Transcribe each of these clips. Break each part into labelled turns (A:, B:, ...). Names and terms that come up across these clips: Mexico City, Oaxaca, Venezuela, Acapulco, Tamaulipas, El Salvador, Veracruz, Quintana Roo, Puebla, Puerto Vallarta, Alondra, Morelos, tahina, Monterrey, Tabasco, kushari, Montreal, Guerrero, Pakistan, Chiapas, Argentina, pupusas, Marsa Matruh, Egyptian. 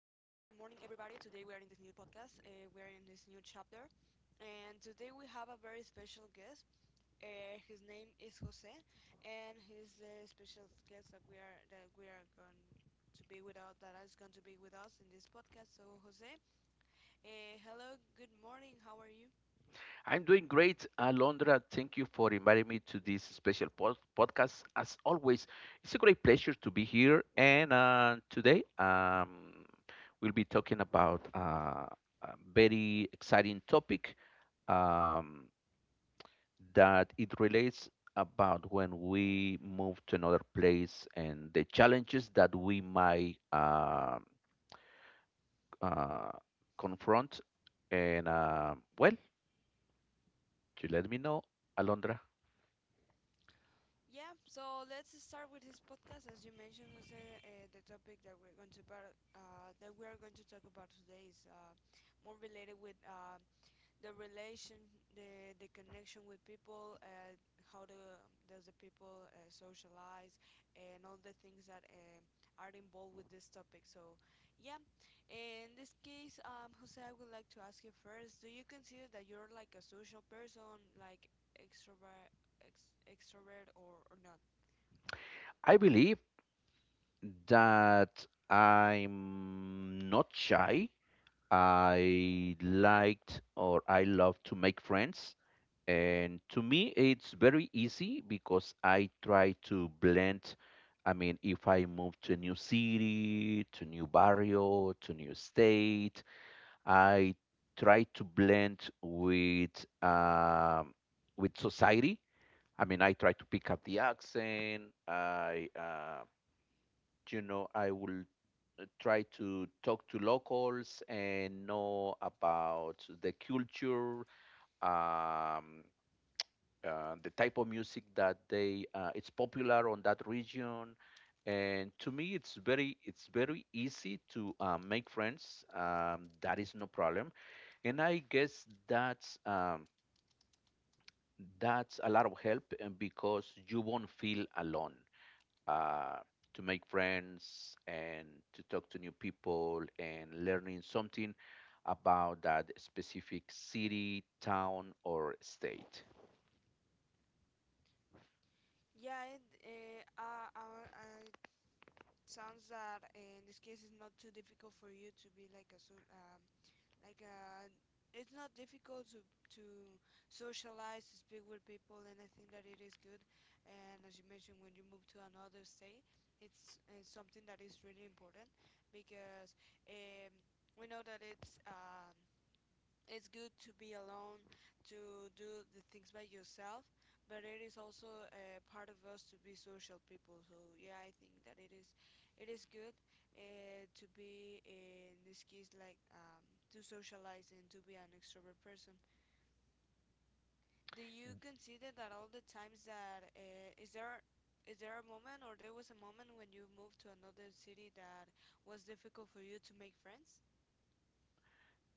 A: Today we are in this new podcast. We are in this new chapter, and today we have a very special guest. His name is Jose, and he's the special guest that we are going to be with us. That is going to be with us in this podcast. So, Jose, hello, good morning. How are you?
B: I'm doing great, Alondra. Thank you for inviting me to this special podcast. As always, it's a great pleasure to be here. And today, we'll be talking about a very exciting topic um, that it relates about when we move to another place and the challenges that we might uh, confront. And well, you let me know, Alondra.
A: Yeah, so let's start with this podcast. As you mentioned, Jose, the topic that we're going to bar- that we are going to talk about today is more related with the relation the connection with people, how do does the people socialize, and all the things that are involved with this topic. So yeah, in this case, Jose, I would like to ask you first, do you consider that you're like a social person, like extrovert or not?
B: I believe that I'm not shy. I liked or I love to make friends. And to me, it's very easy because I try to blend. I mean, if I move to a new city, to new barrio, to new state, I try to blend with society. I mean, I try to pick up the accent. You know, I will try to talk to locals and know about the culture, um, the type of music that they it's popular on that region. And to me, it's very easy to make friends. That is no problem. And I guess that's a lot of help because you won't feel alone uh, to make friends and to talk to new people and learning something about that specific city, town, or state.
A: Yeah, it uh, uh, uh, uh, it sounds that in this case it's not too difficult for you to be like a Like, uh, it's not difficult to to socialize, to speak with people, and I think that it is good. And as you mentioned, when you move to another state, it's, something that is really important, because um, we know that it's good to be alone, to do the things by yourself, but it is also a part of us to be social people. So yeah, I think that it is good, to be in this case, to socialize and to be an extrovert person. Do you consider that all the times that is there a moment or there was a moment when you moved to another city that was difficult for you to make friends?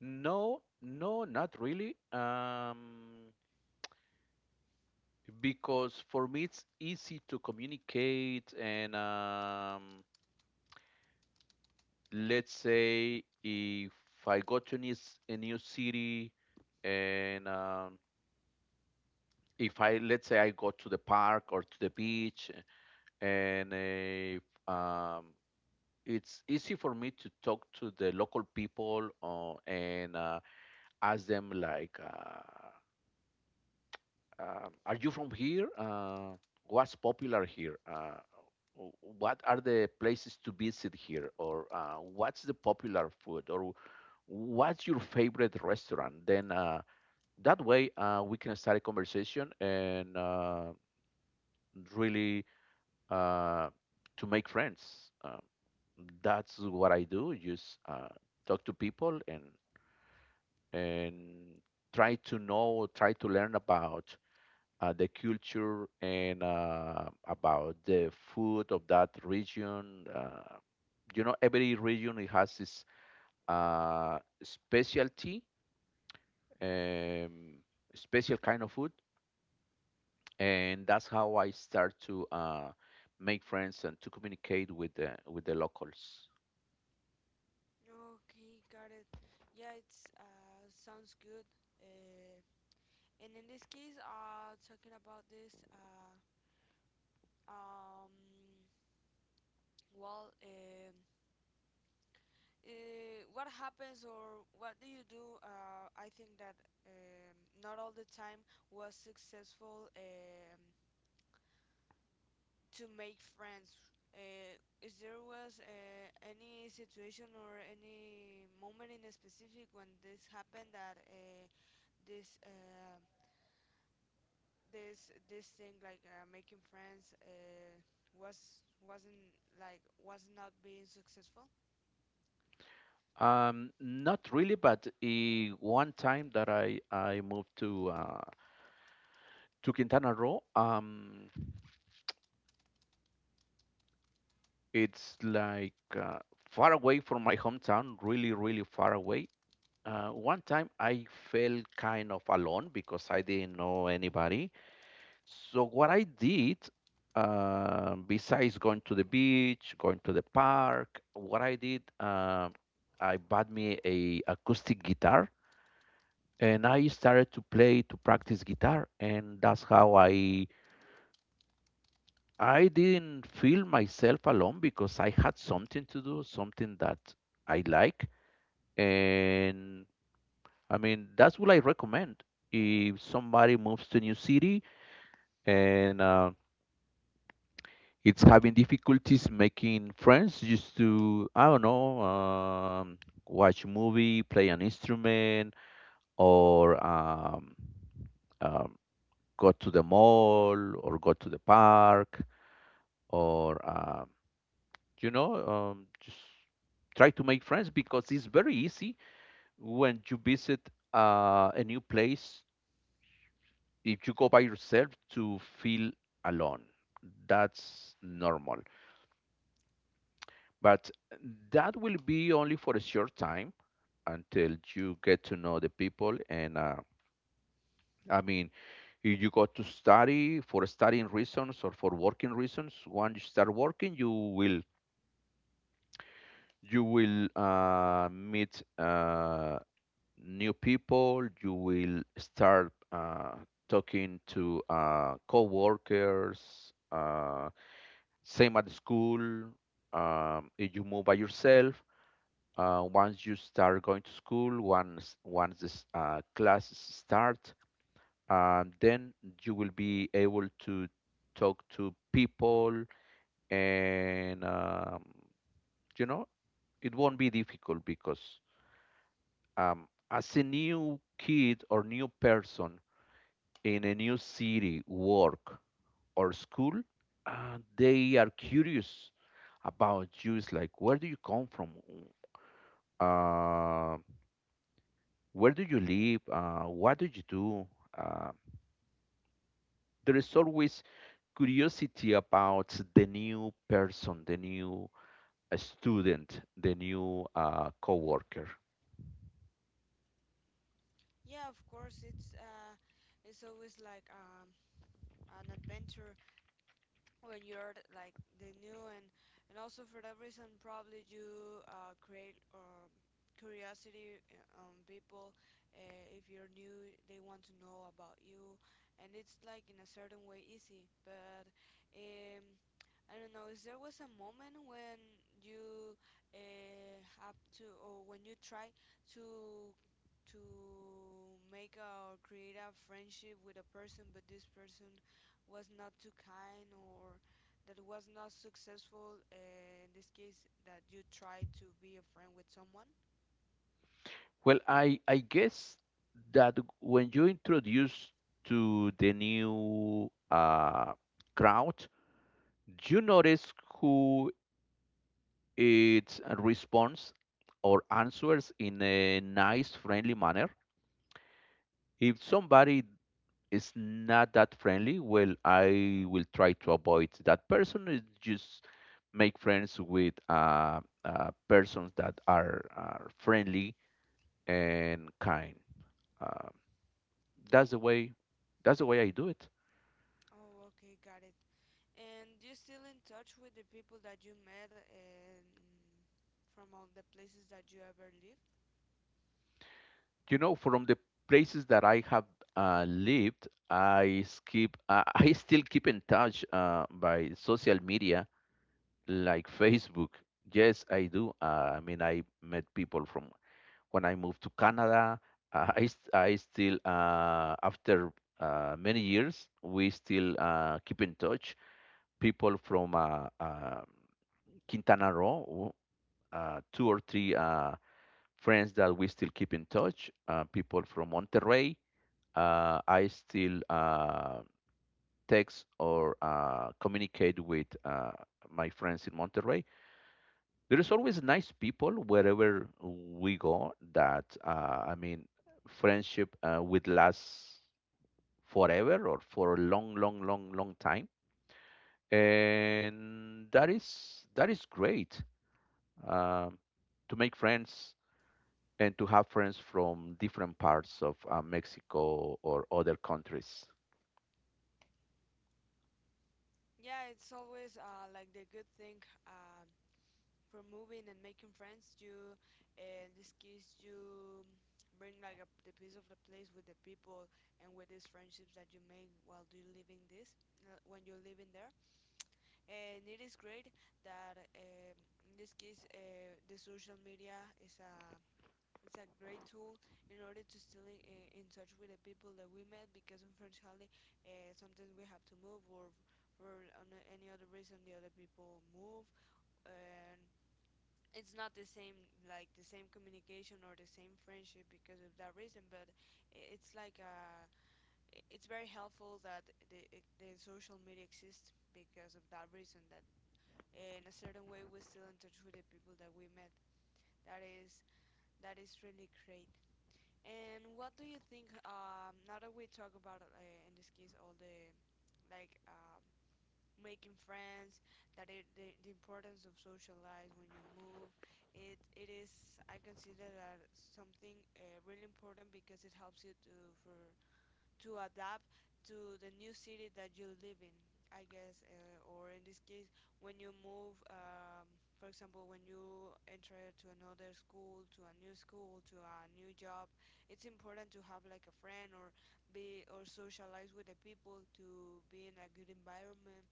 B: No, no, not really. Because for me it's easy to communicate, and let's say if I go to a a new city, and if I, let's say I go to the park or to the beach, and um, it's easy for me to talk to the local people and ask them like, "Are you from here? What's popular here? What are the places to visit here? Or what's the popular food? Or what's your favorite restaurant?" Then that way we can start a conversation and really uh, to make friends. That's what I do. Just talk to people and and try to know, try to learn about the culture and about the food of that region. You know, every region it has its specialty, um, special kind of food, and that's how I start to make friends and to communicate with the locals.
A: Okay, got it. Yeah, it's sounds good. Uh, and in this case, talking about this, um, well, um, what happens or what do you do? I think that not all the time was successful, to make friends. Uh, is there was any situation or any moment in a specific when this happened, that this uh, this thing, like making friends, was wasn't like was not being successful?
B: Not really, but one time that I moved to Quintana Roo, it's like far away from my hometown, really, really far away. One time I felt kind of alone because I didn't know anybody. So what I did, besides going to the beach, going to the park, what I did, I bought me a acoustic guitar and I started to play to practice guitar, and that's how I didn't feel myself alone because I had something to do, something that I like, and I mean that's what I recommend if somebody moves to a new city and it's having difficulties making friends, just to I don't know. Watch a movie, play an instrument or um, go to the mall or go to the park or you know just try to make friends because it's very easy when you visit a new place, if you go by yourself, to feel alone. That's normal, but that will be only for a short time until you get to know the people. And I mean, if you go to study for studying reasons or for working reasons, once you start working, you will meet new people. You will start talking to co-workers. Same at school. If you move by yourself, once you start going to school, once this classes start, then you will be able to talk to people, and you know it won't be difficult because as a new kid or new person in a new city, work, or school, they are curious about you. It's like, where do you come from? Uh, where do you live? What do you do? Uh, there is always curiosity about the new person, the new student, the new coworker.
A: Yeah, of course, it's always like an adventure when you're like the new, and also for that reason probably you create, curiosity, on people. If you're new, they want to know about you, and it's like in a certain way easy. But um, I don't know, is there was a moment when you have to, or when you try to to make a, or create a friendship with a person, but this person was not too kind, or that was not successful, in this case, that you tried to be a friend with someone?
B: Well, I guess that when you introduce to the new crowd, you notice who it responds or answers in a nice, friendly manner. If somebody is not that friendly, well, I will try to avoid that person. Is just make friends with persons that are friendly and kind. Um, that's the way that's the way I do it.
A: Oh, okay, got it. And you still in touch with the people that you met, and from all the places that you ever lived?
B: You know, from the places that I have lived, I skip I still keep in touch by social media like Facebook. Yes, I do. I mean, I met people from when I moved to Canada. I still after many years we still keep in touch. People from Quintana Roo, two or three. Friends that we still keep in touch, people from Monterrey. I still text or communicate with my friends in Monterrey. There is always nice people wherever we go that, I mean, friendship would last forever or for a long, long, long, long time. And that is great um, to make friends and to have friends from different parts of Mexico or other countries.
A: Yeah, it's always like the good thing, um, for moving and making friends. You in this case you bring like a, the piece of the place with the people, and with these friendships that you make while you living this when you're living there. And it is great that in this case, the social media is a it's a great tool in order to still in touch with the people that we met, because unfortunately, sometimes we have to move, or for on any other reason the other people move, and it's not the same, like the same communication or the same friendship because of that reason. But it's like it's very helpful that the social media exists, because of that reason, that in a certain way we still in touch with the people that we met. that is that is really great. And what do you think, now that we talk about, in this case, all the like um making friends, that the importance of social life when you move, it is, I consider that something really important, because it helps you to, for, to adapt to the new city that you live in. I guess, or in this case, when you move, for example, when you enter to another school, to a new school, to a new job, it's important to have like a friend, or be or socialize with the people, to be in a good environment.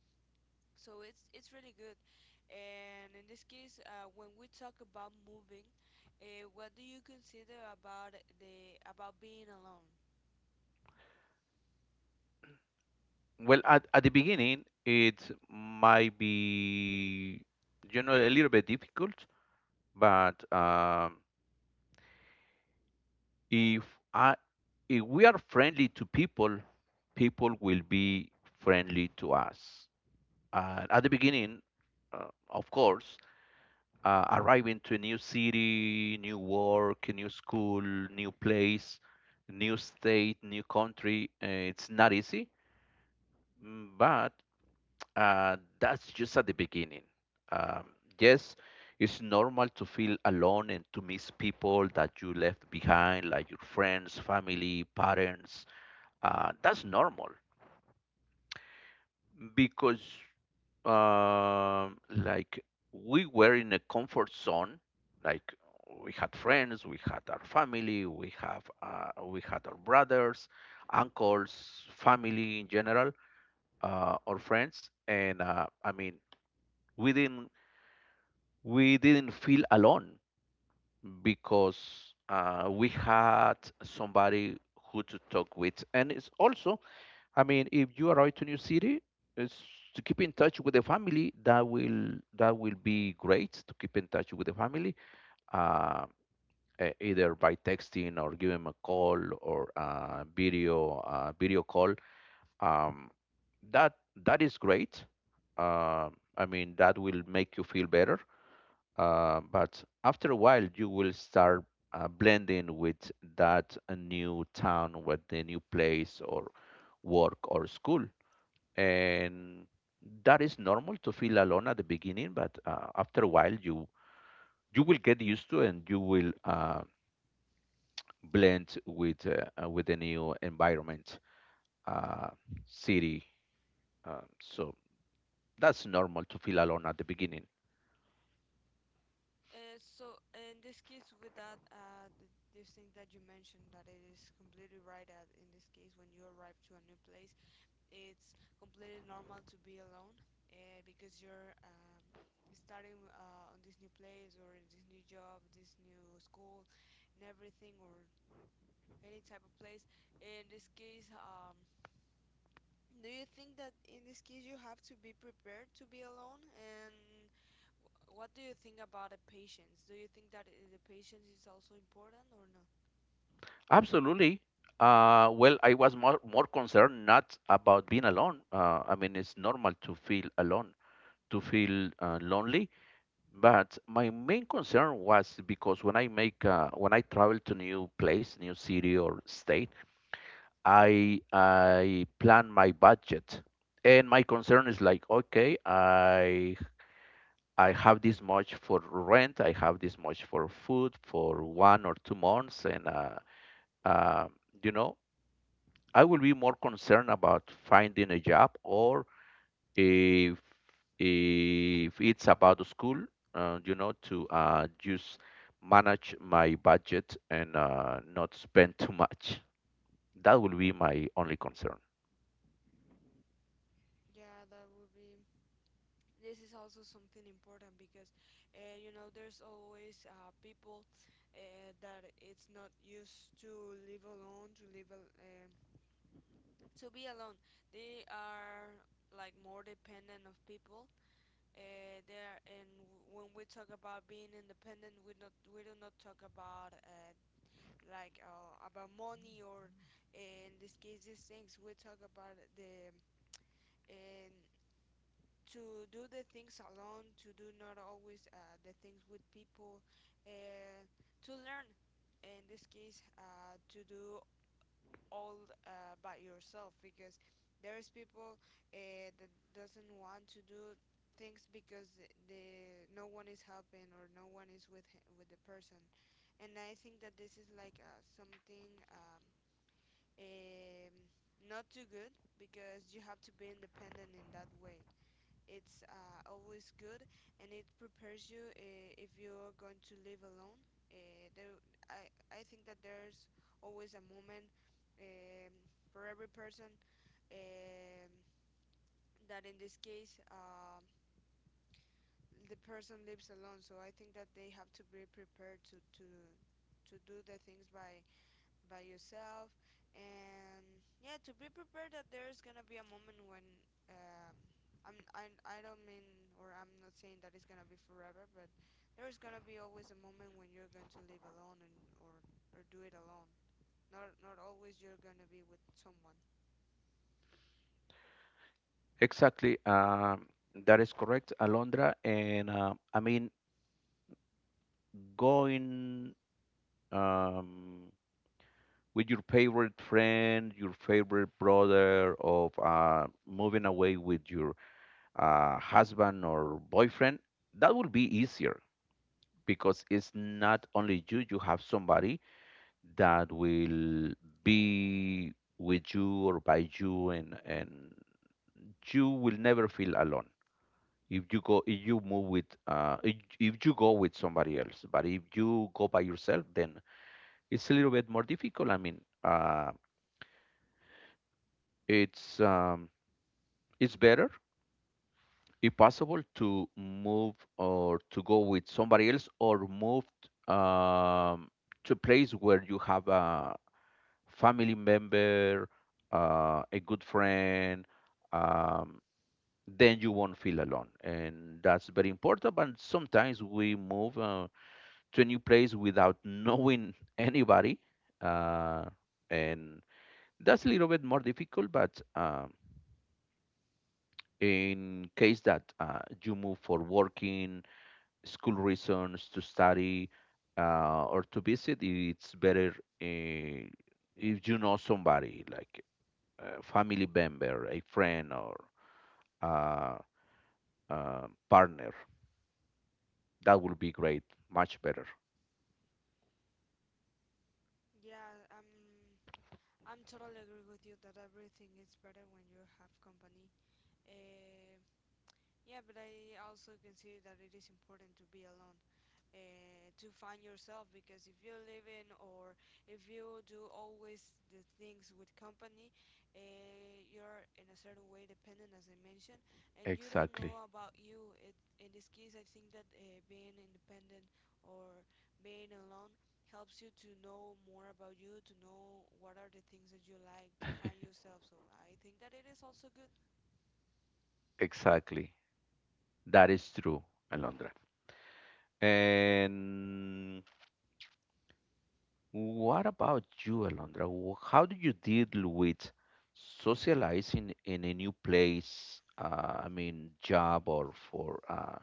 A: So it's really good. And in this case, when we talk about moving, what do you consider about the about being alone?
B: Well, at the beginning, it might be, you know, a little bit difficult, but if I, if we are friendly to people, people will be friendly to us. At the beginning, of course, arriving to a new city, new work, a new school, new place, new state, new country. It's not easy, but that's just at the beginning. Um, yes, it's normal to feel alone and to miss people that you left behind, like your friends, family, parents. That's normal. Because like we were in a comfort zone, like we had friends, we had our family, we have we had our brothers, uncles, family in general, or friends. And I mean, we didn't we didn't feel alone because we had somebody who to talk with. And it's also, I mean, if you arrive to new city, it's to keep in touch with the family. That will be great to keep in touch with the family, uh, e- either by texting or give them a call or video call. Um, that that is great. Uh, I mean, that will make you feel better. But after a while, you will start blending with that new town, with the new place or work or school. And that is normal to feel alone at the beginning, but after a while, you will get used to and you will blend with the new environment, uh, city. So that's normal to feel alone at the beginning.
A: So in this case, with that, this thing that you mentioned, that it is completely right. That in this case, when you arrive to a new place, it's completely normal to be alone, because you're, starting, on this new place or in this new job, this new school, and everything, or any type of place. In this case, do you think that in this case you have to be prepared to be alone? And what do you think about the patience? Do you think that the patience is also important or no?
B: Absolutely. Uh, well, I was more, more concerned not about being alone. Uh, I mean, it's normal to feel alone, to feel lonely. But my main concern was because when I make when I travel to new place, new city or state, I plan my budget. And my concern is like, okay, I have this much for rent, I have this much for food for 1 or 2 months, and uh, you know, I will be more concerned about finding a job or if if it's about school, you know, to just manage my budget and not spend too much. That will be my only concern.
A: Yeah, that would be. This is also something important, because, you know, there's always people, that it's not used to live alone, to to be alone. They are like more dependent of people. When we talk about being independent, we not we do not talk about, about money or, in this case, these things. We talk about the and to do the things alone, to do not always the things with people, uh, to learn in this case, to do all by yourself, because there's people that doesn't want to do things because th- the no one is helping, or no one is with h with the person. And I think that this is like, something um, not too good, because you have to be independent. In that way it's, always good, and it prepares you, if you're going to live alone. Uh, there, I think that there's always a moment, um, for every person, um, that in this case the person lives alone. So I think that they have to be prepared to do the things by yourself. And yeah, to be prepared that there's gonna be a moment when, um, I'm, I, I don't mean, or I'm not saying that it's gonna be forever, but there's gonna be always a moment when you're going to live alone, and or do it alone. Not not always you're gonna be with someone.
B: Exactly. That is correct, Alondra. And I mean, going um, with your favorite friend, your favorite brother, of moving away with your husband or boyfriend, that will be easier because it's not only you, you have somebody that will be with you or by you. And you will never feel alone if you go, if you move with if you go with somebody else. But if you go by yourself, then it's a little bit more difficult. I mean, it's um it's better, if possible, to move or to go with somebody else, or move um to a place where you have a family member, a good friend, um, then you won't feel alone. And that's very important. But sometimes we move to a new place without knowing anybody. Uh, and that's a little bit more difficult, but in case that you move for working, school reasons, to study, or to visit, it's better uh, if you know somebody like a family member, a friend, or a, partner. That would be great, much better.
A: Yeah, I'm totally agree with you, that everything is better when you have company. uh, yeah, but I also consider that it is important to be alone, to find yourself, because if you live in or if you do always the things with company, you're in a certain way dependent, as I mentioned, and you don't
B: Exactly,
A: know about you. In this case I think that being independent or being alone helps you to know more about you, to know what are the things that you like, to find yourself. So I think that it is also good.
B: exactly. That is true, Alondra. And what about you, Alondra? How do you deal with socializing in a new place? I mean, job or for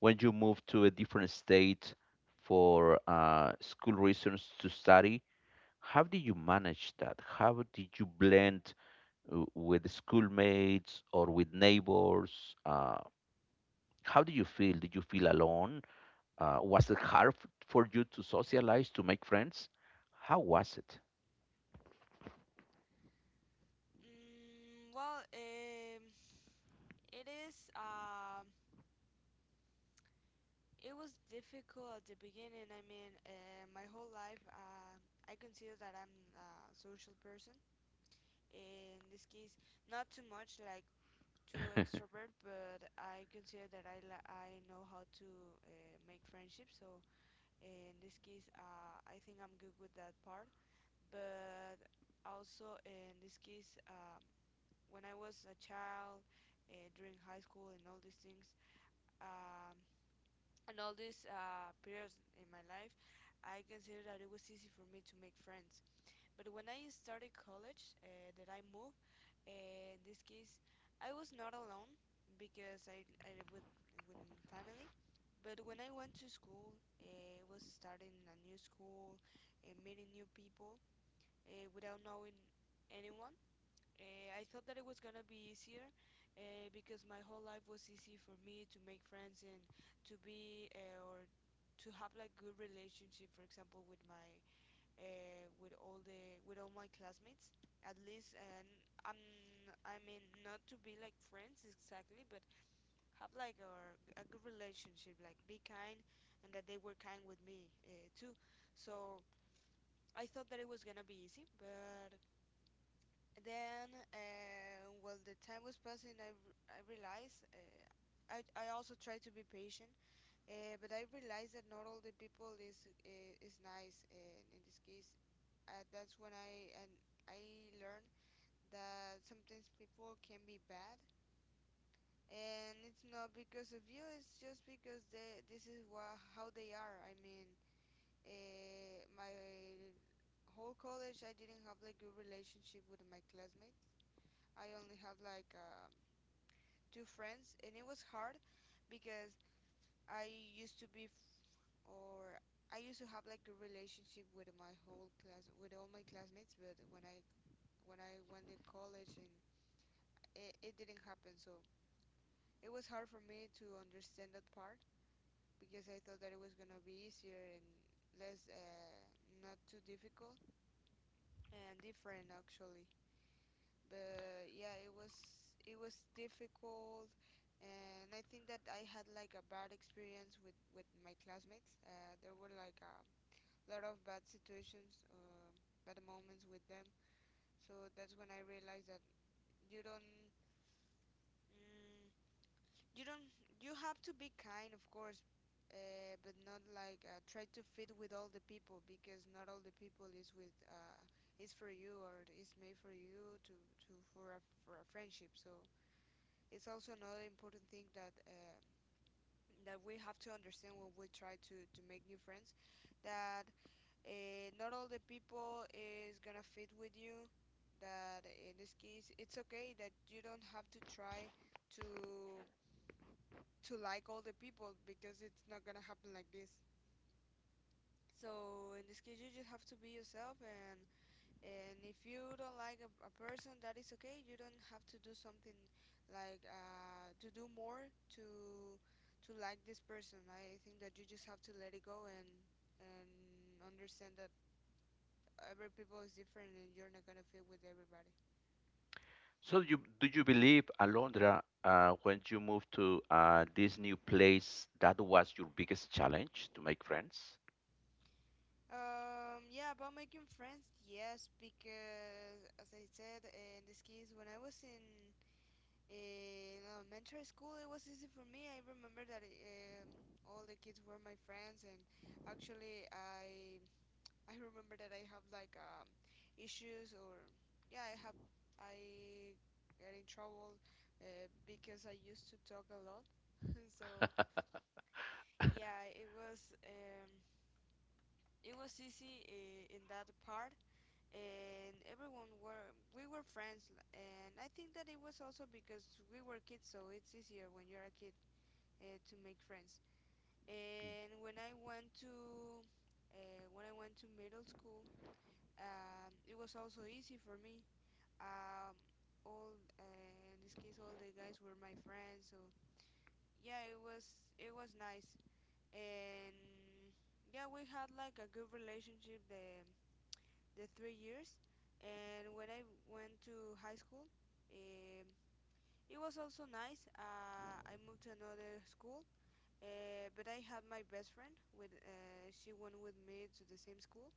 B: when you move to a different state for school reasons to study. How do you manage that? How did you blend with schoolmates or with neighbors? How do you feel? Did you feel alone? Was it hard for you to socialize, to make friends? How was it?
A: Mm, well, it is um, it was difficult at the beginning. I mean, my whole life, I consider that I'm a social person. In this case, not too much like too extrovert, but I consider that I know how to, make friendships. So in this case, I think I'm good with that part. But also in this case, when I was a child, during high school and all these things. Um, and all these periods in my life, I consider that it was easy for me to make friends. But when I started college, that I moved, in this case, I was not alone, because I live with family. But when I went to school, it was starting a new school, meeting new people, without knowing anyone. I thought that it was gonna be easier, because my whole life was easy for me to make friends, and to be or to have like good relationship. For example, with my, with all my classmates, at least. And I'm I mean not to be like friends exactly, but have like a good relationship, like be kind, and that they were kind with me, too. So I thought that it was gonna be easy, but then, well, the time was passing. I realized. I also try to be patient, but I realized that not all the people is nice. And in this case, that's when I learned that sometimes people can be bad, and it's not because of you. It's just because they this is wha- how they are. I mean, my whole college, I didn't have like good relationship with my classmates. I only have like a two friends, and it was hard because I used to be f- or I used to have like a relationship with my whole class, with all my classmates. But when I went to college, and it didn't happen. So it was hard for me to understand that part, because I thought that it was gonna be easier and less not too difficult and different, actually. But yeah, it was difficult. And I think that I had like a bad experience with my classmates. There were like a lot of bad situations, bad moments with them. So that's when I realized that you don't mm, you don't you have to be kind, of course, but not like, try to fit with all the people, because not all the people is for you, or is made for you to for a friendship. So it's also another important thing that that we have to understand when we try to make new friends, that, not all the people is gonna fit with you. That in this case, it's okay that you don't have to try to to like all the people, because it's not gonna happen like this. So in this case, you just have to be yourself. And if you don't like a person, that is okay. You don't have to do something like, to do more to to like this person. I think that you just have to let it go and understand that every people is different, and you're not gonna fit with everybody.
B: So you do you believe, Alondra, when you moved to this new place, that was your biggest challenge to make friends?
A: Yeah, about making friends, yes, because as I said, in this case, when I was in elementary school, it was easy for me. I remember that, all the kids were my friends. And actually, I remember that I have like, issues, or yeah, I get in trouble, because I used to talk a lot. So yeah, it was easy, in that part. And everyone were we were friends, and I think that it was also because we were kids, so it's easier when you're a kid to make friends. And when I went to when I went to middle school, it was also easy for me. Um, all In this case, all the guys were my friends, so yeah, it was nice. And yeah, we had like a good relationship, the three years. And when I went to high school, um, it was also nice. I moved to another school. But I had my best friend with she went with me to the same school,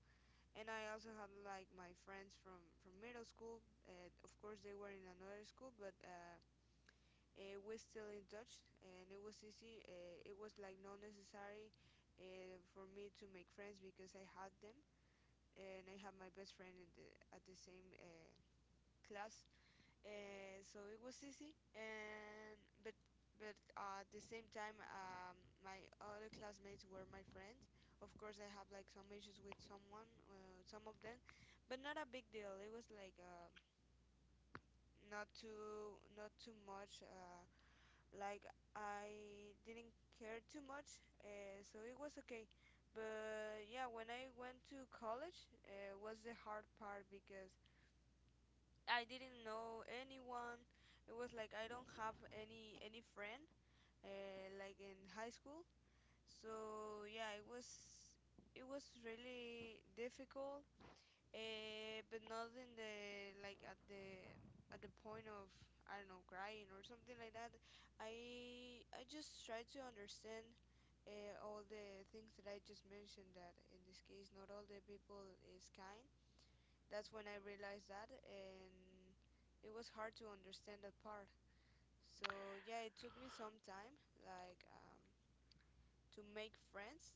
A: and I also had like my friends from middle school. Of course, they were in another school, but we're still in touch, and it was easy. It was like not necessary for me to make friends because I had them, and I had my best friend at the same, class, and so it was easy. And but but at the same time, my other classmates were my friends. Of course, I have like some issues with someone, some of them, but not a big deal. It was like, not too much. Like, I didn't care too much, so it was okay. But yeah, when I went to college, was the hard part, because I didn't know anyone. It was like I don't have any friend, like in high school. So yeah, it was really difficult, but not in the like at the point of, I don't know, crying or something like that. I just try to understand, all the things that I just mentioned. That in this case, not all the people is kind. That's when I realized that, and it was hard to understand that part. So yeah, it took me some time, like, to make friends.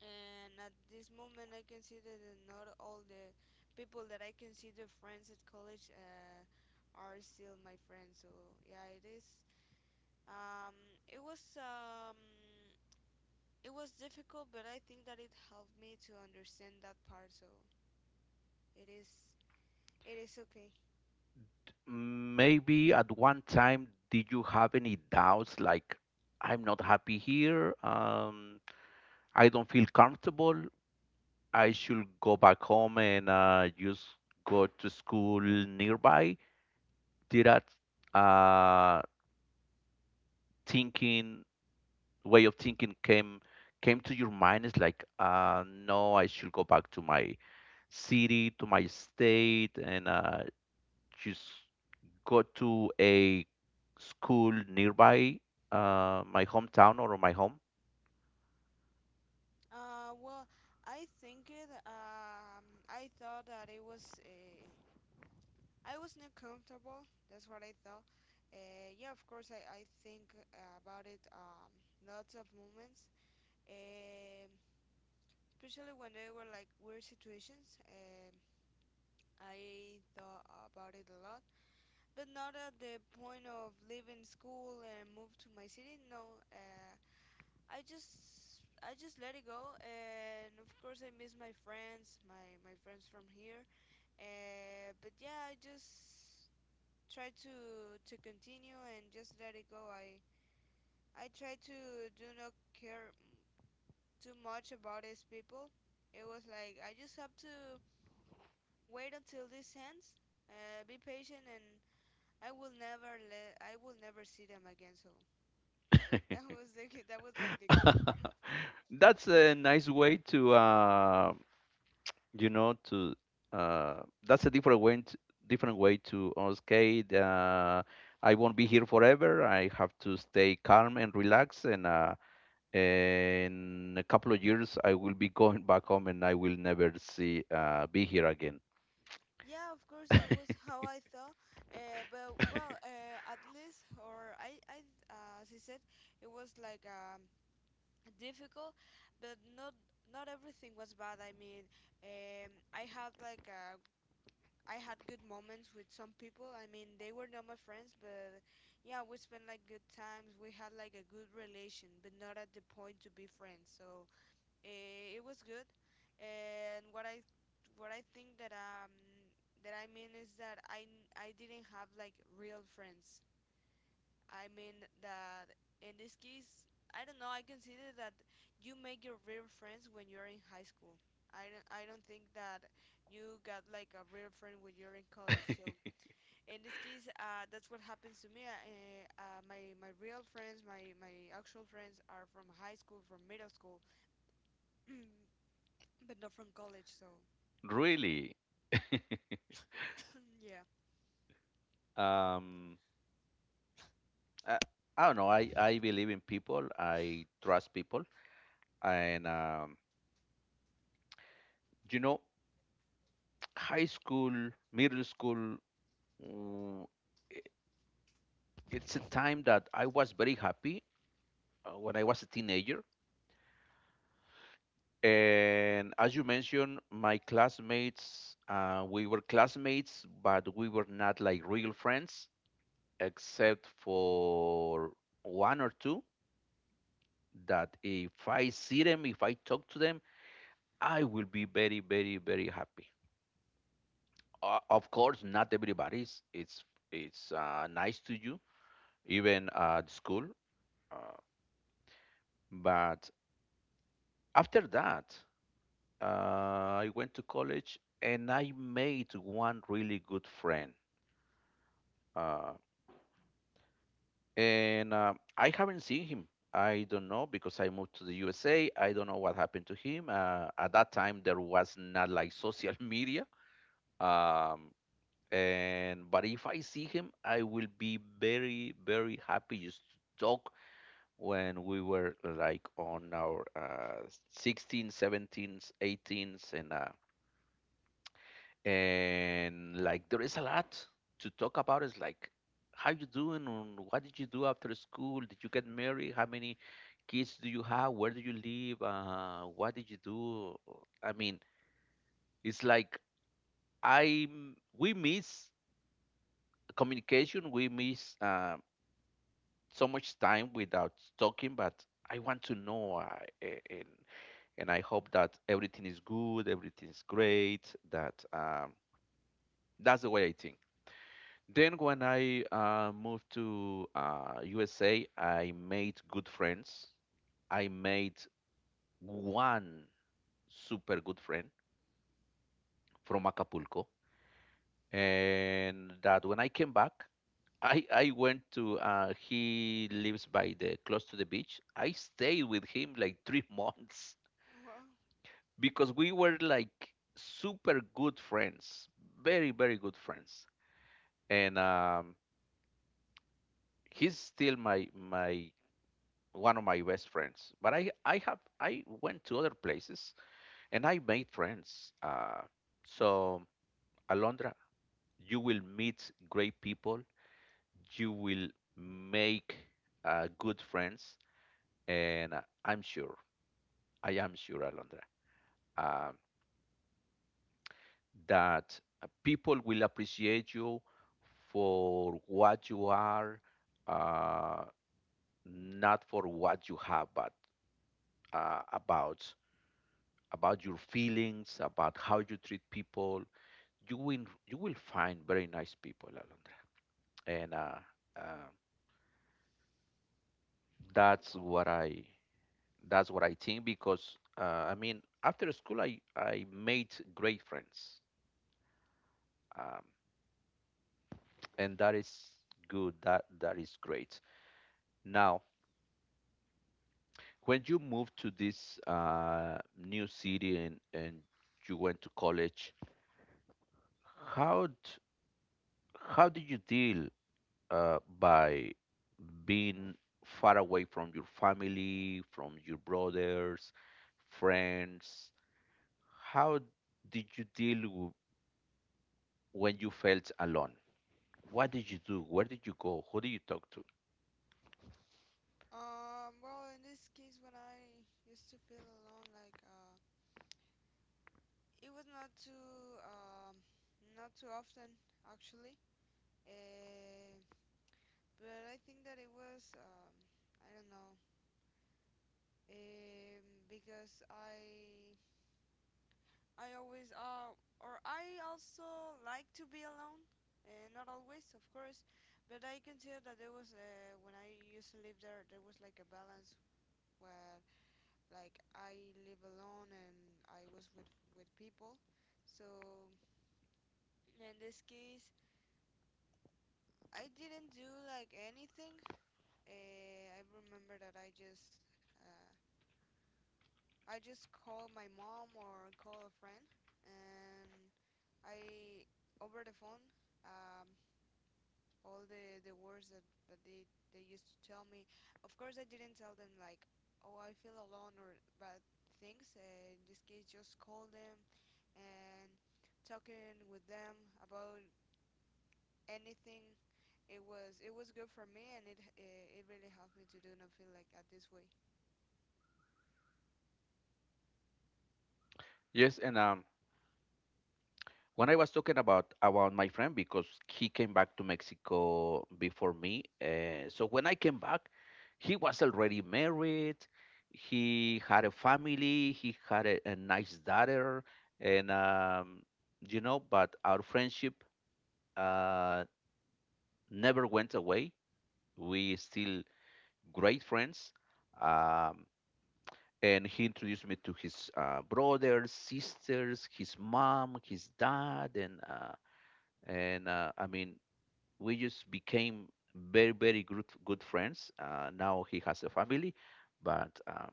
A: And at this moment, I consider that not all the people that I consider friends at college are still my friends. So yeah, it is. Um, it was um, it was difficult, but I think that it helped me to understand that part. So it is it is okay.
B: Maybe at one time, did you have any doubts like, I'm not happy here? I don't feel comfortable. I should go back home and just go to school nearby. Did that uh, thinking way of thinking came to your mind? It's like, no, I should go back to my city, to my state, and just go to a school nearby my hometown or my home.
A: Well, I think it. I thought that it was. I was not comfortable. That's what I thought. Yeah, of course, I think, about it, lots of moments, um, especially when they were like weird situations. I thought about it a lot, but not at the point of leaving school and move to my city. No, I just I just let it go, and of course I miss my friends, my friends from here. But yeah, I just try to continue and just let it go. I try to do not care, too much about these people. It was like I just have to wait until this ends. Be patient, and I will never see them again. So that was like the good part.
B: That's a nice way to you know to uh, that's a different way to, different way to okay, I won't be here forever. I have to stay calm and relax, and in a couple of years I will be going back home, and I will never see be here again.
A: Yeah, of course, that was how I thought. But well, at least, as I said, it was like, difficult, but not everything was bad. I mean, I had good moments with some people. I mean, they were not my friends, but yeah, we spent like good times. We had like a good relation, but not at the point to be friends. So it was good, and what I think that that I mean is that I didn't have like real friends. I mean that, in this case, I don't know. I consider that you make your real friends when you're in high school. I don't think that you got like a real friend when you're in college. So in this case, that's what happens to me. My real friends, my actual friends are from high school, from middle school. But not from college, so
B: Really.
A: yeah.
B: um I, I don't know. I believe in people. I trust people. And you know high school, middle school, mm, it's a time that I was very happy when I was a teenager. And as you mentioned, my classmates, we were classmates, but we were not like real friends, except for one or two. That if I see them, if I talk to them, I will be very, very, very happy. Of course, not everybody's. It's nice to you, even at school. Uh, but after that, I went to college and I made one really good friend. Uh, and I haven't seen him. I don't know because I moved to the USA. I don't know what happened to him. At that time, there was not like social media. Um, and but if I see him, I will be very, very happy just to talk when we were like on our 16, 17s, 18s, and like there is a lot to talk about. It's like, how you doing, and what did you do after school, did you get married, how many kids do you have, where do you live, what did you do? I mean, it's like, I we miss communication, we miss so much time without talking. But I want to know, a- and and I hope that everything is good, everything is great. That's the way I think. Then when I moved to USA, I made good friends. I made one super good friend from Acapulco, and that when I came back, I went to he lives by the close to the beach. I stayed with him like 3 months.
A: Well,
B: Because we were like super good friends, very very good friends, and he's still my my one of my best friends. But I went to other places and I made friends. So, Alondra, you will meet great people. You will make good friends, and I am sure, Alondra, uh, that people will appreciate you for what you are, uh, not for what you have, but uh, about about your feelings, about how you treat people. You will find very nice people, Alondra. And uh, that's what I that's what I think because I mean, after school I made great friends, um, and that is good. That is great. Now when you moved to this new city, and you went to college, how d- how did you deal by being far away from your family, from your brothers, friends? How did you deal when you felt alone? What did you do? Where did you go? Who did you talk to?
A: well, in this case, when I used to feel alone, like, it was not too often, actually. Uh, but I think that it was, I don't know, um, because I always or I also like to be alone. Not always, of course, but I consider that there was when I used to live there, there was like a balance where, like, I live alone, and I was with people. So in this case, I didn't do like anything. I remember that I just called my mom or call a friend, and I, over the phone, um, all the words that they used to tell me. Of course, I didn't tell them like, oh, I feel alone or bad things. In this case, just call them and talking with them about anything. It was good for me, and it really helped me to do not feel like at this way.
B: Yes. and When I was talking about my friend, because he came back to Mexico before me, so when I came back, he was already married. He had a family. He had a nice daughter, and but our friendship uh, never went away. We still great friends. Um, and he introduced me to his brothers, sisters, his mom, his dad, and I mean, we just became very very good friends. Now he has a family, but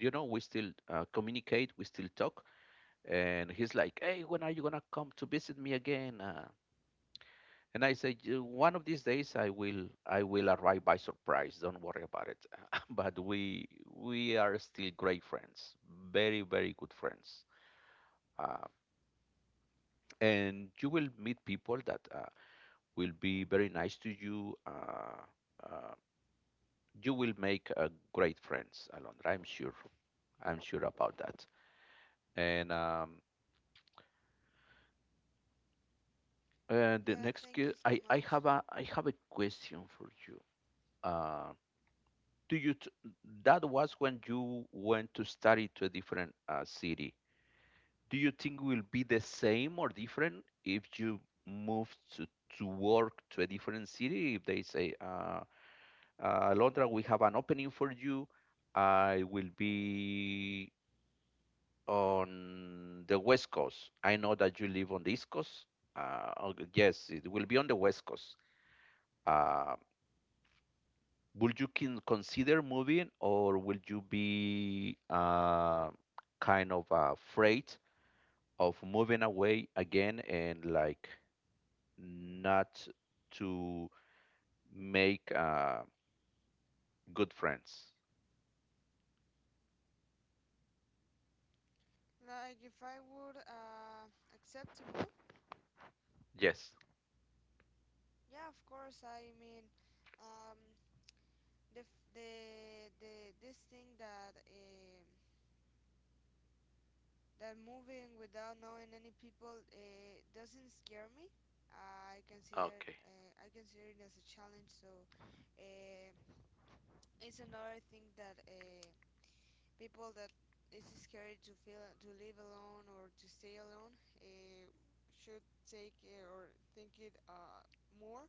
B: we still communicate, we still talk. And he's like, hey, when are you gonna come to visit me again? And I said, One of these days I will arrive by surprise, don't worry about it." But we are still great friends, very very good friends. uh, and you will meet people that will be very nice to you. Uh, you will make great friends, Alondra. I'm sure. I'm sure about that. And um, and the
A: Yeah,
B: next,
A: thank you so much.
B: I have a question for you. Uh, do you t- that was when you went to study to a different city. Do you think will be the same or different if you move to work to a different city? If they say, Alondra, we have an opening for you. I will be on the West Coast. I know that you live on the East Coast. Okay, yes, it will be on the West Coast. Uh, will you can consider moving, or will you be kind of afraid of moving away again, and like not to make good friends?
A: Like if I would, accept to move,
B: Yes.
A: yeah, of course. I mean, um, the f- the this thing that moving without knowing any people doesn't scare me. I consider
B: Okay.
A: uh, I consider it as a challenge. So uh, it's another thing, that, people that is scared to feel to live alone or to stay alone uh, should take or think it, more.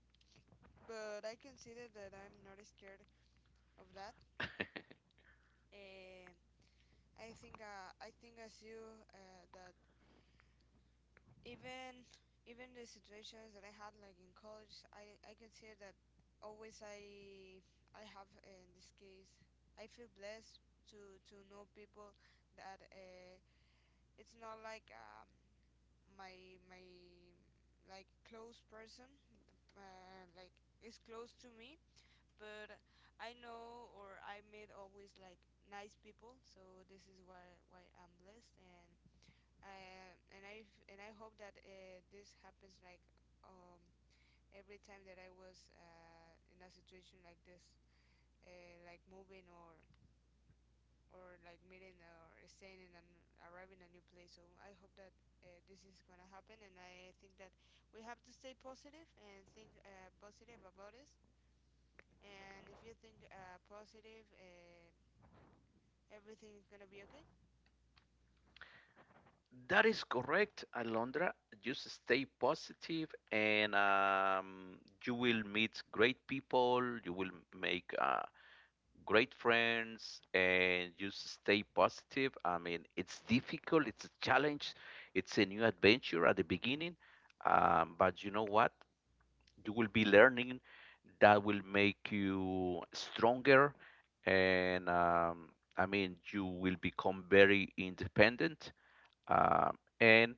A: But I consider that I'm not scared of that. Um, I think as you that even even the situations that I had like in college, I consider that always I have in this case I feel blessed to know people that it's not like my like close person like is close to me, but I know or I meet always like nice people, so this is why I'm blessed and and I hope that this happens like um, every time that I was in a situation like this, like moving or like meeting or staying in and arriving a new place. So I hope that this is gonna happen, and I think that we have to stay positive and think positive about this. And if you think positive, everything is gonna be okay.
B: That is correct, Alondra. Just stay positive, and you will meet great people, you will make great friends, and just stay positive. I mean, it's difficult, it's a challenge, it's a new adventure at the beginning, but you know what? You will be learning that will make you stronger, and I mean, you will become very independent. And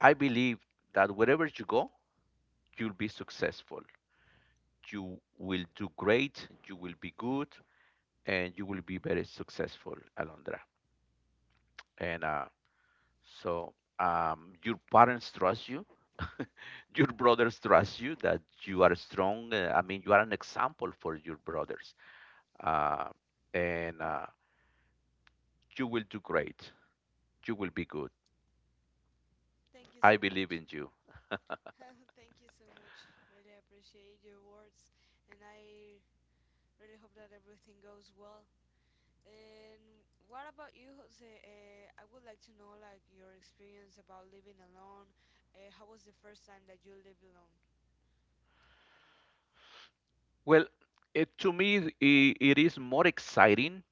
B: I believe that wherever you go, you'll be successful. You will do great, you will be good, and you will be very successful, Alondra. And so Your parents trust you, your brothers trust you that you are strong. I mean, you are an example for your brothers. Uh, and You will do great, you will be good.
A: Thank you
B: I
A: so
B: believe
A: much.
B: in you.
A: Thank you so much. Really appreciate your words, and I really hope that everything goes well. And what about you, Jose? I would like to know like your experience about living alone. How was the first time that you lived alone?
B: Well, to me, I it is more exciting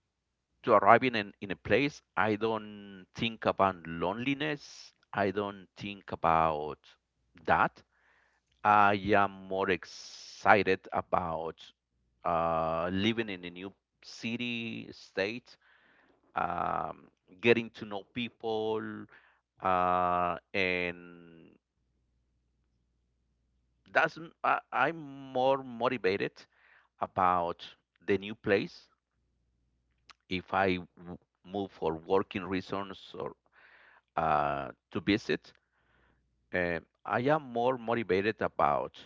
B: to arriving in a place. I don't think about loneliness. I don't think about that. I am more excited about living in a new city, state. um, Getting to know people. And that's I'm more motivated about the new place if move for working reasons or to visit. I am more motivated about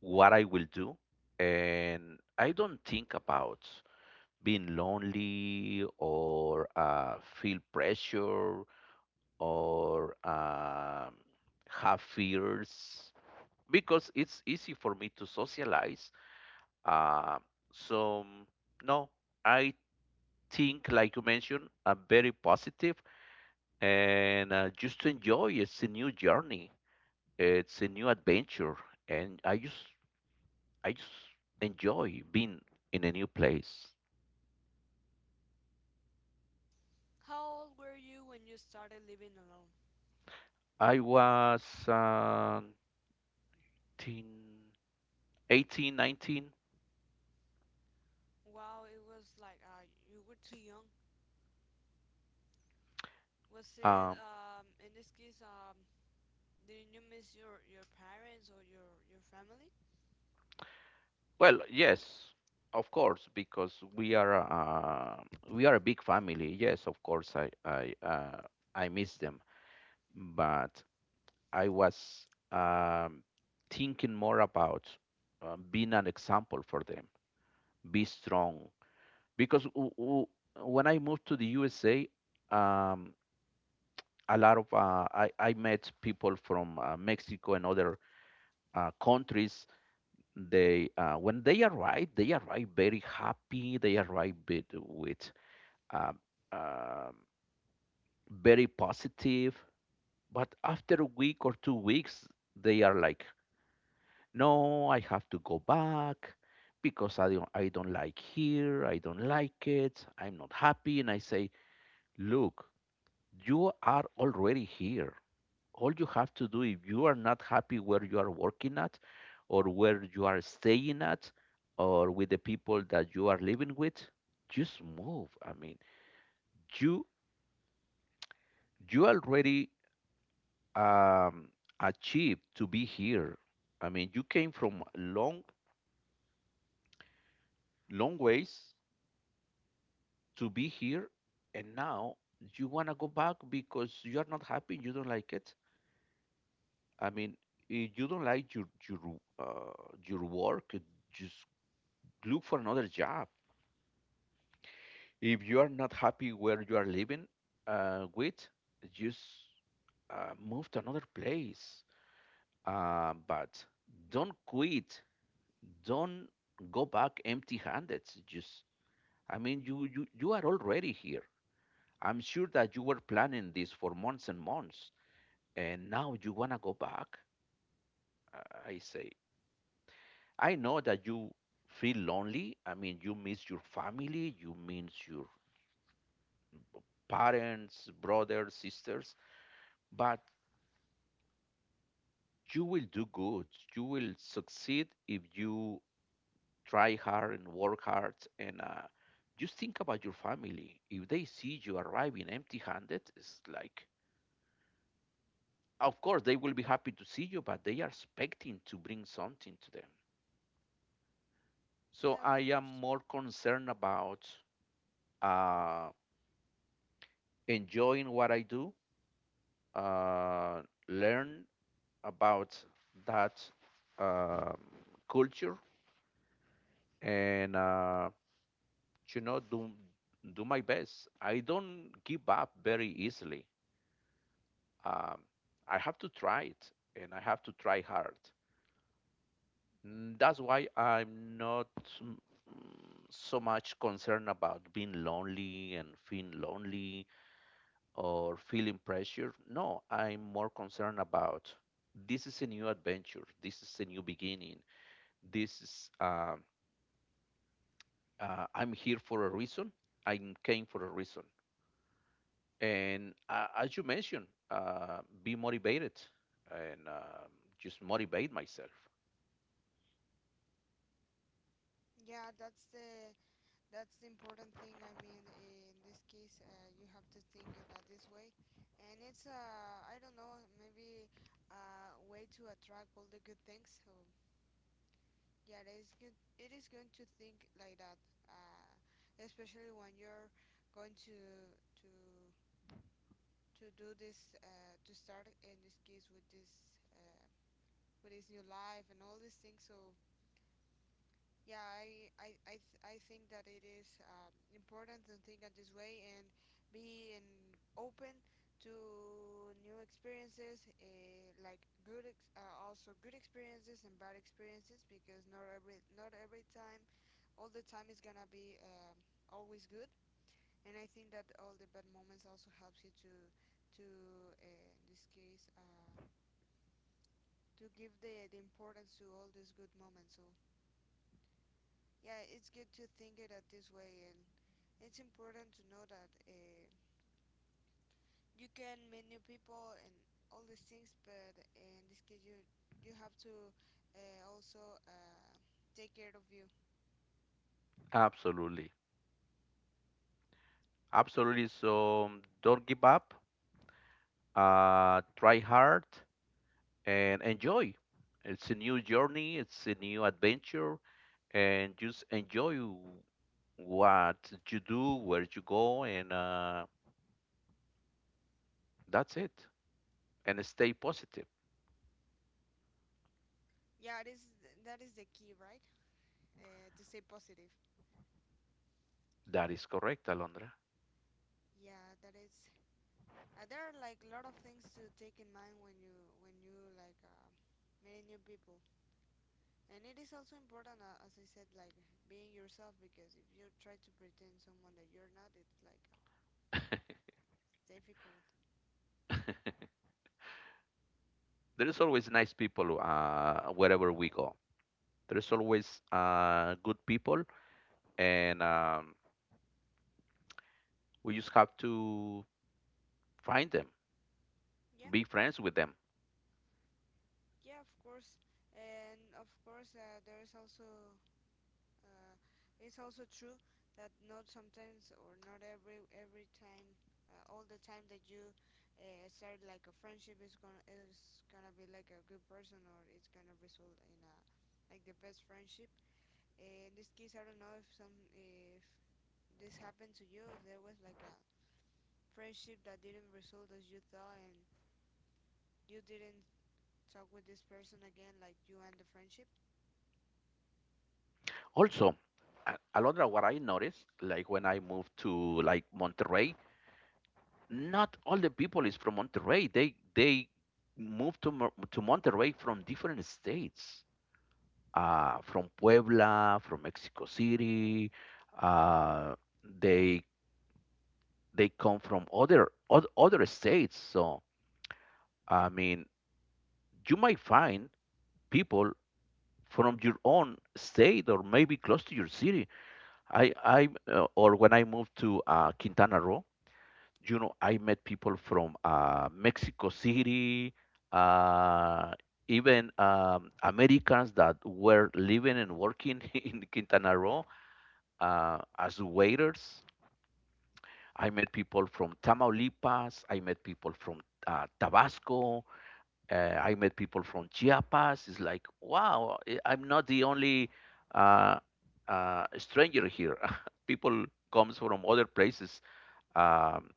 B: what I will do, and I don't think about being lonely or feel pressure or have fears, because it's easy for me to socialize. Uh, so no, I think, like you mentioned, I'm very positive and just to enjoy. It's a new journey. It's a new adventure, and I just enjoy being in a new place.
A: How old were you when you started living alone?
B: I was uh, 18, 18, 19.
A: Wow, it was like you were too young. Was it
B: Um,
A: in this case did you miss your parents or your family?
B: well, yes, of course, because we are a big family. Yes, of course, I miss them, but I was thinking more about being an example for them. Be strong, because when I moved to the USA, um, a lot of I met people from mexico and other countries. They when they arrive very happy. They arrive with um, um, very positive. But after a week or 2 weeks they are like, no, I have to go back because I don't like here, I don't like it, I'm not happy. And I say, look, you are already here. All you have to do if you are not happy where you are working at, or where you are staying at, or with the people that you are living with, just move. I mean, you you already um, achieved to be here. I mean, you came from long, long ways to be here, and now you want to go back because you are not happy, you don't like it. I mean, if you don't like your work, just look for another job. If you are not happy where you are living uh, with, just move to another place. But don't quit. Don't go back empty-handed. Just, I mean, you are already here. I'm sure that you were planning this for months and months, and now you wanna go back. I say, I know that you feel lonely. I mean, you miss your family, you miss your parents, brothers, sisters, but you will do good. You will succeed if you try hard and work hard. And Just think about your family. If they see you arriving empty handed, it's like, of course, they will be happy to see you, but they are expecting to bring something to them. So
A: Yeah, of
B: I am
A: course.
B: more concerned about uh, enjoying what I do, uh, learn about that um, culture, and you know, do do my best. I don't give up very easily. Um, I have to try it, and I have to try hard. That's why I'm not mm, so much concerned about being lonely and feeling lonely or feeling pressure. No, I'm more concerned about this is a new adventure. This is a new beginning. This is I'm here for a reason. I came for a reason. And As you mentioned, be motivated and just motivate myself.
A: Yeah, that's the That's the important thing. I mean, in this case, you have to think it that this way, and it's I don't know, maybe a way to attract all the good things. So yeah, it is good. It is going to think like that, uh, especially when you're going to to do this to start in this case uh, with this new life and all these things. So yeah, I think that it is important to think of this way and be and open to new experiences, uh, also good experiences and bad experiences because not every time all the time is gonna be always good. And I think that all the bad moments also helps you to to in this case to give the importance to all these good moments. So yeah, it's good to think it at this way and it's important to know that you can meet new people and all these things, but in this case, you have to also take care of you.
B: Absolutely. Absolutely. So don't give up. Try hard and enjoy. It's a new journey, it's a new adventure, and just enjoy what you do, where you go, and that's it. And stay positive.
A: Yeah, it is that is the key, right? To stay positive.
B: That is correct, Alondra.
A: Yeah, that is. There are like a lot of things to take in mind when you like meeting new people, and it is also important, as I said, like being yourself because if you try to pretend someone that you're not, it's like difficult.
B: There is always nice people wherever we go. There's always good people, and we just have to find them,
A: Yeah.
B: be friends with them.
A: Yeah, of course, and of course, there is also uh, it's also true that not sometimes or not every every time, all the time that you start like a friendship is gonna be like a good person or it's gonna result in a like the best friendship. In this case, I don't know if this happened to you, if there was like a friendship that didn't result as you thought and you didn't talk with this person again, like you end the friendship.
B: Also, Alondra, what I noticed, like when I moved to like Monterrey, not all the people is from Monterrey. They moved to Monterrey from different states, from Puebla, from Mexico City. Uh, they they come from other states. So I mean, you might find people from your own state or maybe close to your city. I or when I moved to Quintana Roo, you know, I met people from Mexico City, uh, even Americans that were living and working in Quintana Roo as waiters. I met people from Tamaulipas. I met people from Tabasco. I met people from Chiapas. It's like, wow, am not the only uh, stranger here. People comes from other places, um,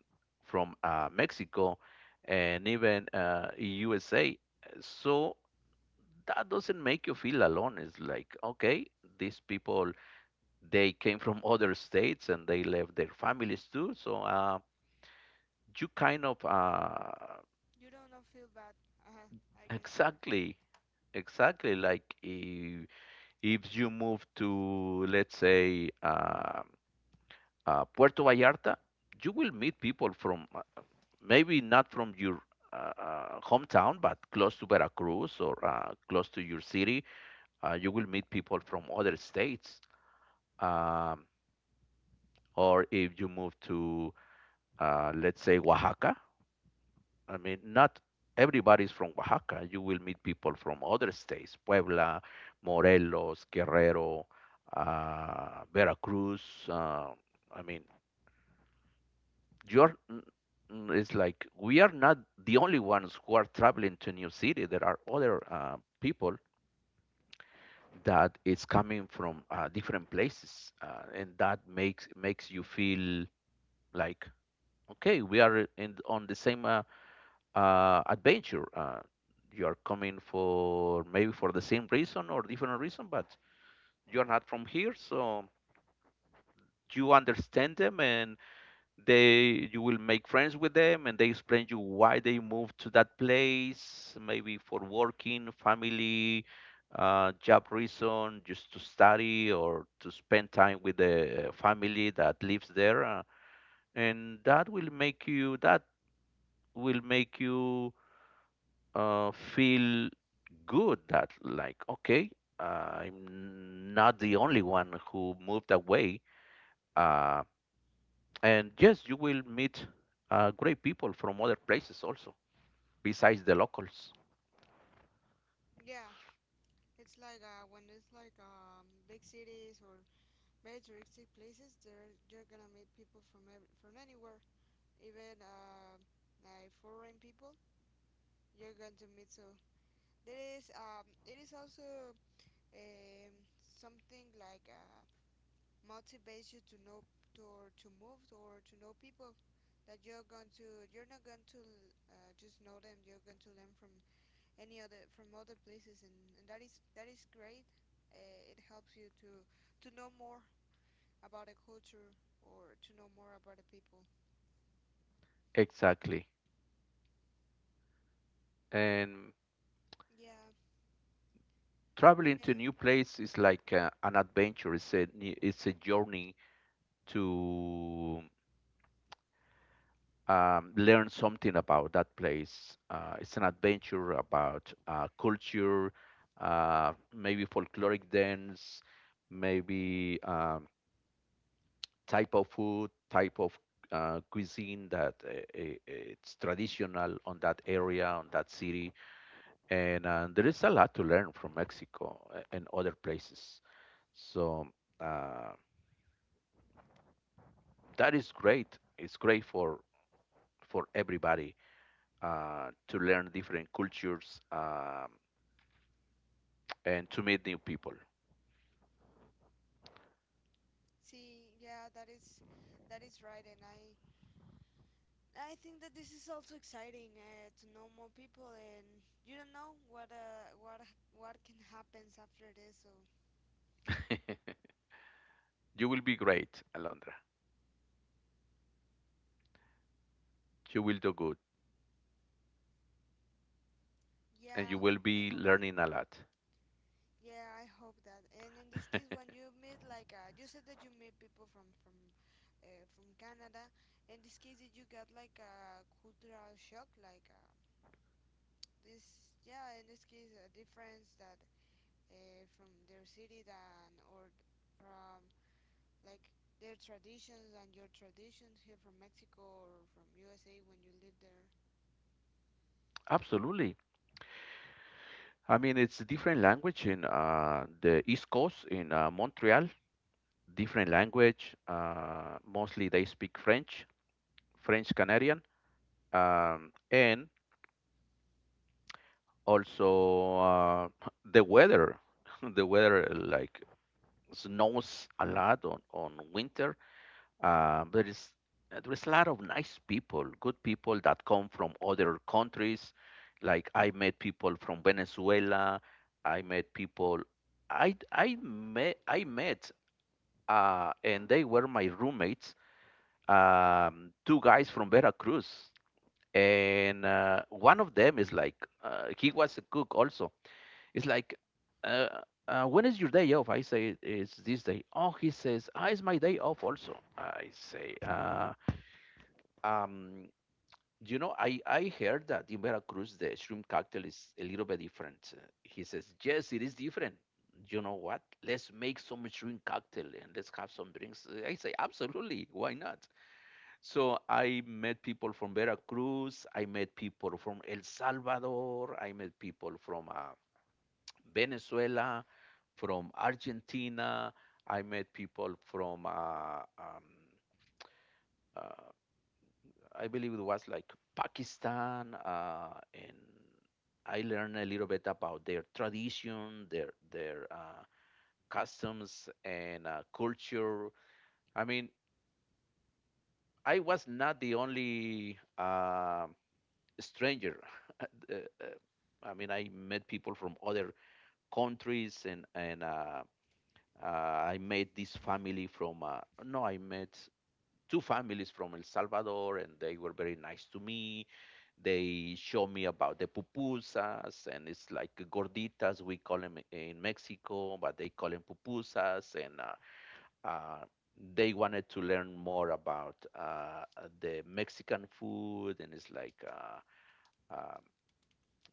B: from Mexico and even USA. So that doesn't make you feel alone. It's like, okay, these people they came from other states and they left their families too. So you kind of
A: You don't know, feel bad. Uh-huh, I guess.
B: exactly, exactly like if you move to, let's say, Puerto Vallarta, you will meet people from maybe not from your hometown, but close to Veracruz or close to your city. You will meet people from other states. Um, or if you move to, let's say, Oaxaca, I mean, not everybody's from Oaxaca. You will meet people from other states, Puebla, Morelos, Guerrero, Veracruz. Uh, I mean, you're, it's like we are not the only ones who are traveling to new city. There are other people that is coming from different places, and that makes you feel like okay, we are in on the same adventure. You are coming for maybe for the same reason or different reason, but you are not from here, so you understand them and they you will make friends with them and they explain you why they moved to that place maybe for working family job reason just to study or to spend time with the family that lives there and that will make you that will make you feel good that like okay uh, I'm not the only one who moved away uh, and yes you will meet great people from other places also besides the locals
A: Yeah, it's like when it's like big cities or very touristic places, there you're gonna meet people from anywhere, even like foreign people. You're going to meet so there is it is also um something like motivates you to know to move or to know people that you're not going to just know them. You're going to learn from any other from other places, and, that is great. It helps you to know more about a culture or to know more about the people.
B: exactly and
A: Yeah.
B: traveling to a
A: Eh,
B: new place is like an adventure it's a journey to learn something about that place. It's an adventure about culture, maybe folkloric dance, maybe type of food, type of cuisine that it's traditional on that area, on that city. And There is a lot to learn from Mexico and other places. So uh, that is great. It's great for everybody to learn different cultures, and to meet new people.
A: see, yeah, that is right, and I think that this is also exciting to know more people, and you don't know what can happens after this. So
B: You will be great, Alondra. You will do good, and you
A: yeah,
B: will
A: I
B: be
A: hope that.
B: learning a lot.
A: Yeah, I hope that. And in this case, when you meet like you said that you meet people from from Canada. In this case, did you got like a cultural shock, like this, yeah, in this case, a difference that from their city than or from like their traditions and your traditions here from Mexico or from USA when you live there?
B: Absolutely. I mean, it's a different language in the East Coast in Montreal. Different language. Mostly they speak French, French Canadian, and also the weather. the weather like snows a lot on winter. Uh, there is there is a lot of nice people, good people that come from other countries. Like I met people from Venezuela. I met people. I met and they were my roommates. Two guys from Veracruz, and one of them is like he was a cook also. It's like. When is your day off? I say it's this day. Oh, he says, ah, it's my day off also. I say, um, you know, I heard that in Veracruz the shrimp cocktail is a little bit different. He says, yes, it is different. You know what? Let's make some shrimp cocktail and let's have some drinks. I say, absolutely, why not? So I met people from Veracruz. I met people from El Salvador. I met people from Venezuela, from Argentina. I met people from uh, I believe it was like Pakistan, and I learned a little bit about their tradition, their customs and culture. I mean, I was not the only stranger. Uh, uh, I mean, I met people from other countries, and I met this family from. No, I met two families from El Salvador, and they were very nice to me. They show me about the pupusas, and it's like gorditas we call them in Mexico, but they call them pupusas. And uh, they wanted to learn more about the Mexican food, and it's like uh,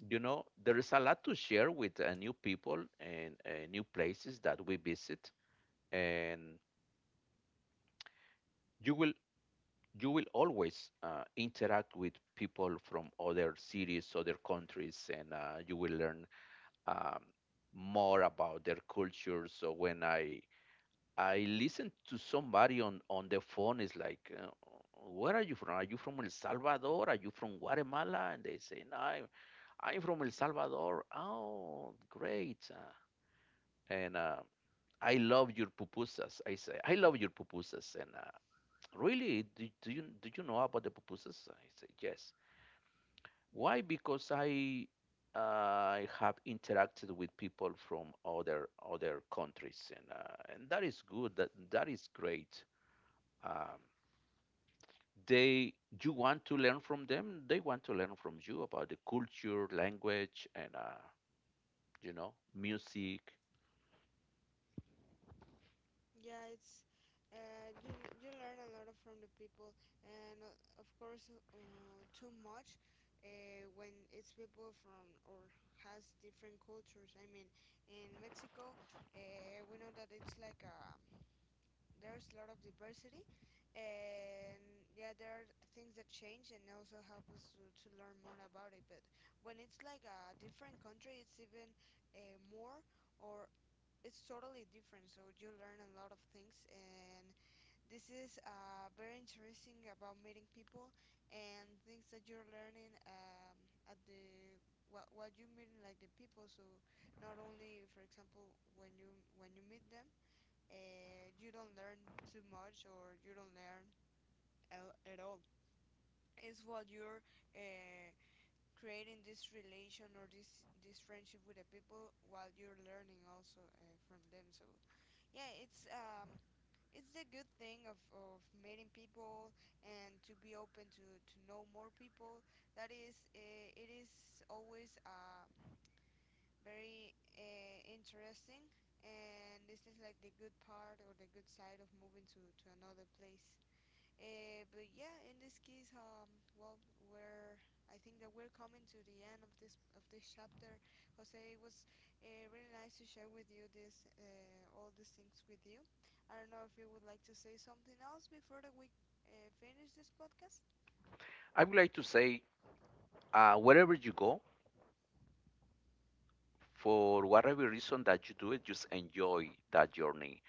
B: you know there is a lot to share with new people and new places that we visit, and you will you will always interact with people from other cities, other countries, and you will learn um, more about their culture. So when I listen to somebody on the phone, it's like, where are you from? Are you from El Salvador? Are you from Guatemala? And they say, no, I'm from El Salvador. Oh, great. And I love your pupusas. I say, I love your pupusas. And really, do you know about the pupusas? I say, yes. Why? Because uh, I have interacted with people from other countries, and that is good. That is great. Um, they you want to learn from them. They want to learn from you about the culture, language, and you know, music.
A: Yeah, it's you you learn a lot of from the people, and of course, too much when it's people from or has different cultures. I mean, in Mexico, we know that it's like there's a lot of diversity, and yeah, there are things that change and also help us to learn more about it. But when it's like a different country, it's even more. Or it's totally different. So you learn a lot of things, and this is very interesting about meeting people and things that you're learning at the what you meeting like the people. So not only, for example, when you meet them, you don't learn too much or you don't learn at all. It's what you're uh, creating this relation or this friendship with the people while you're learning also from them. So yeah, it's a good thing of meeting people and to be open to know more people. That is, it is always very interesting, and this is like the good part or the good side of moving to another place. But yeah, in this case, well, we're I think that we're coming to the end of this chapter. Jose, it was really nice to share with you this all these things with you. I don't know if you would like to say something else before that we finish this podcast.
B: I would like to say, wherever you go, for whatever reason that you do it, just enjoy that journey,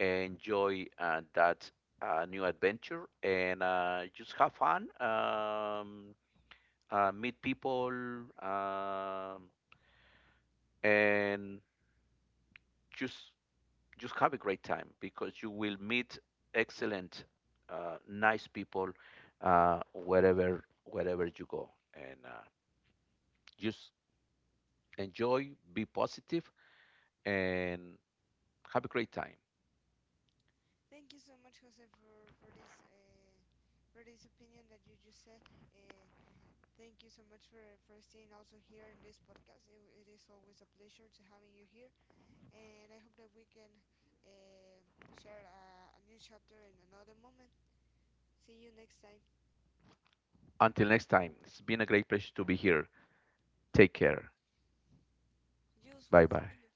B: enjoy that new adventure and just have fun, meet people, um, and just just have a great time because you will meet excellent, nice people wherever wherever you go, and just enjoy, be positive, and have a great time.
A: Thank you so much, Jose, for this for this opinion that you just said. Uh, thank you so much for staying also here in this podcast. It is always a pleasure to having you here. And I hope that we can uh, share a new chapter in another moment. See you next time.
B: Until next time, it's been a great pleasure to be here. Take care. Bye
A: Usual,
B: bye.
A: see you.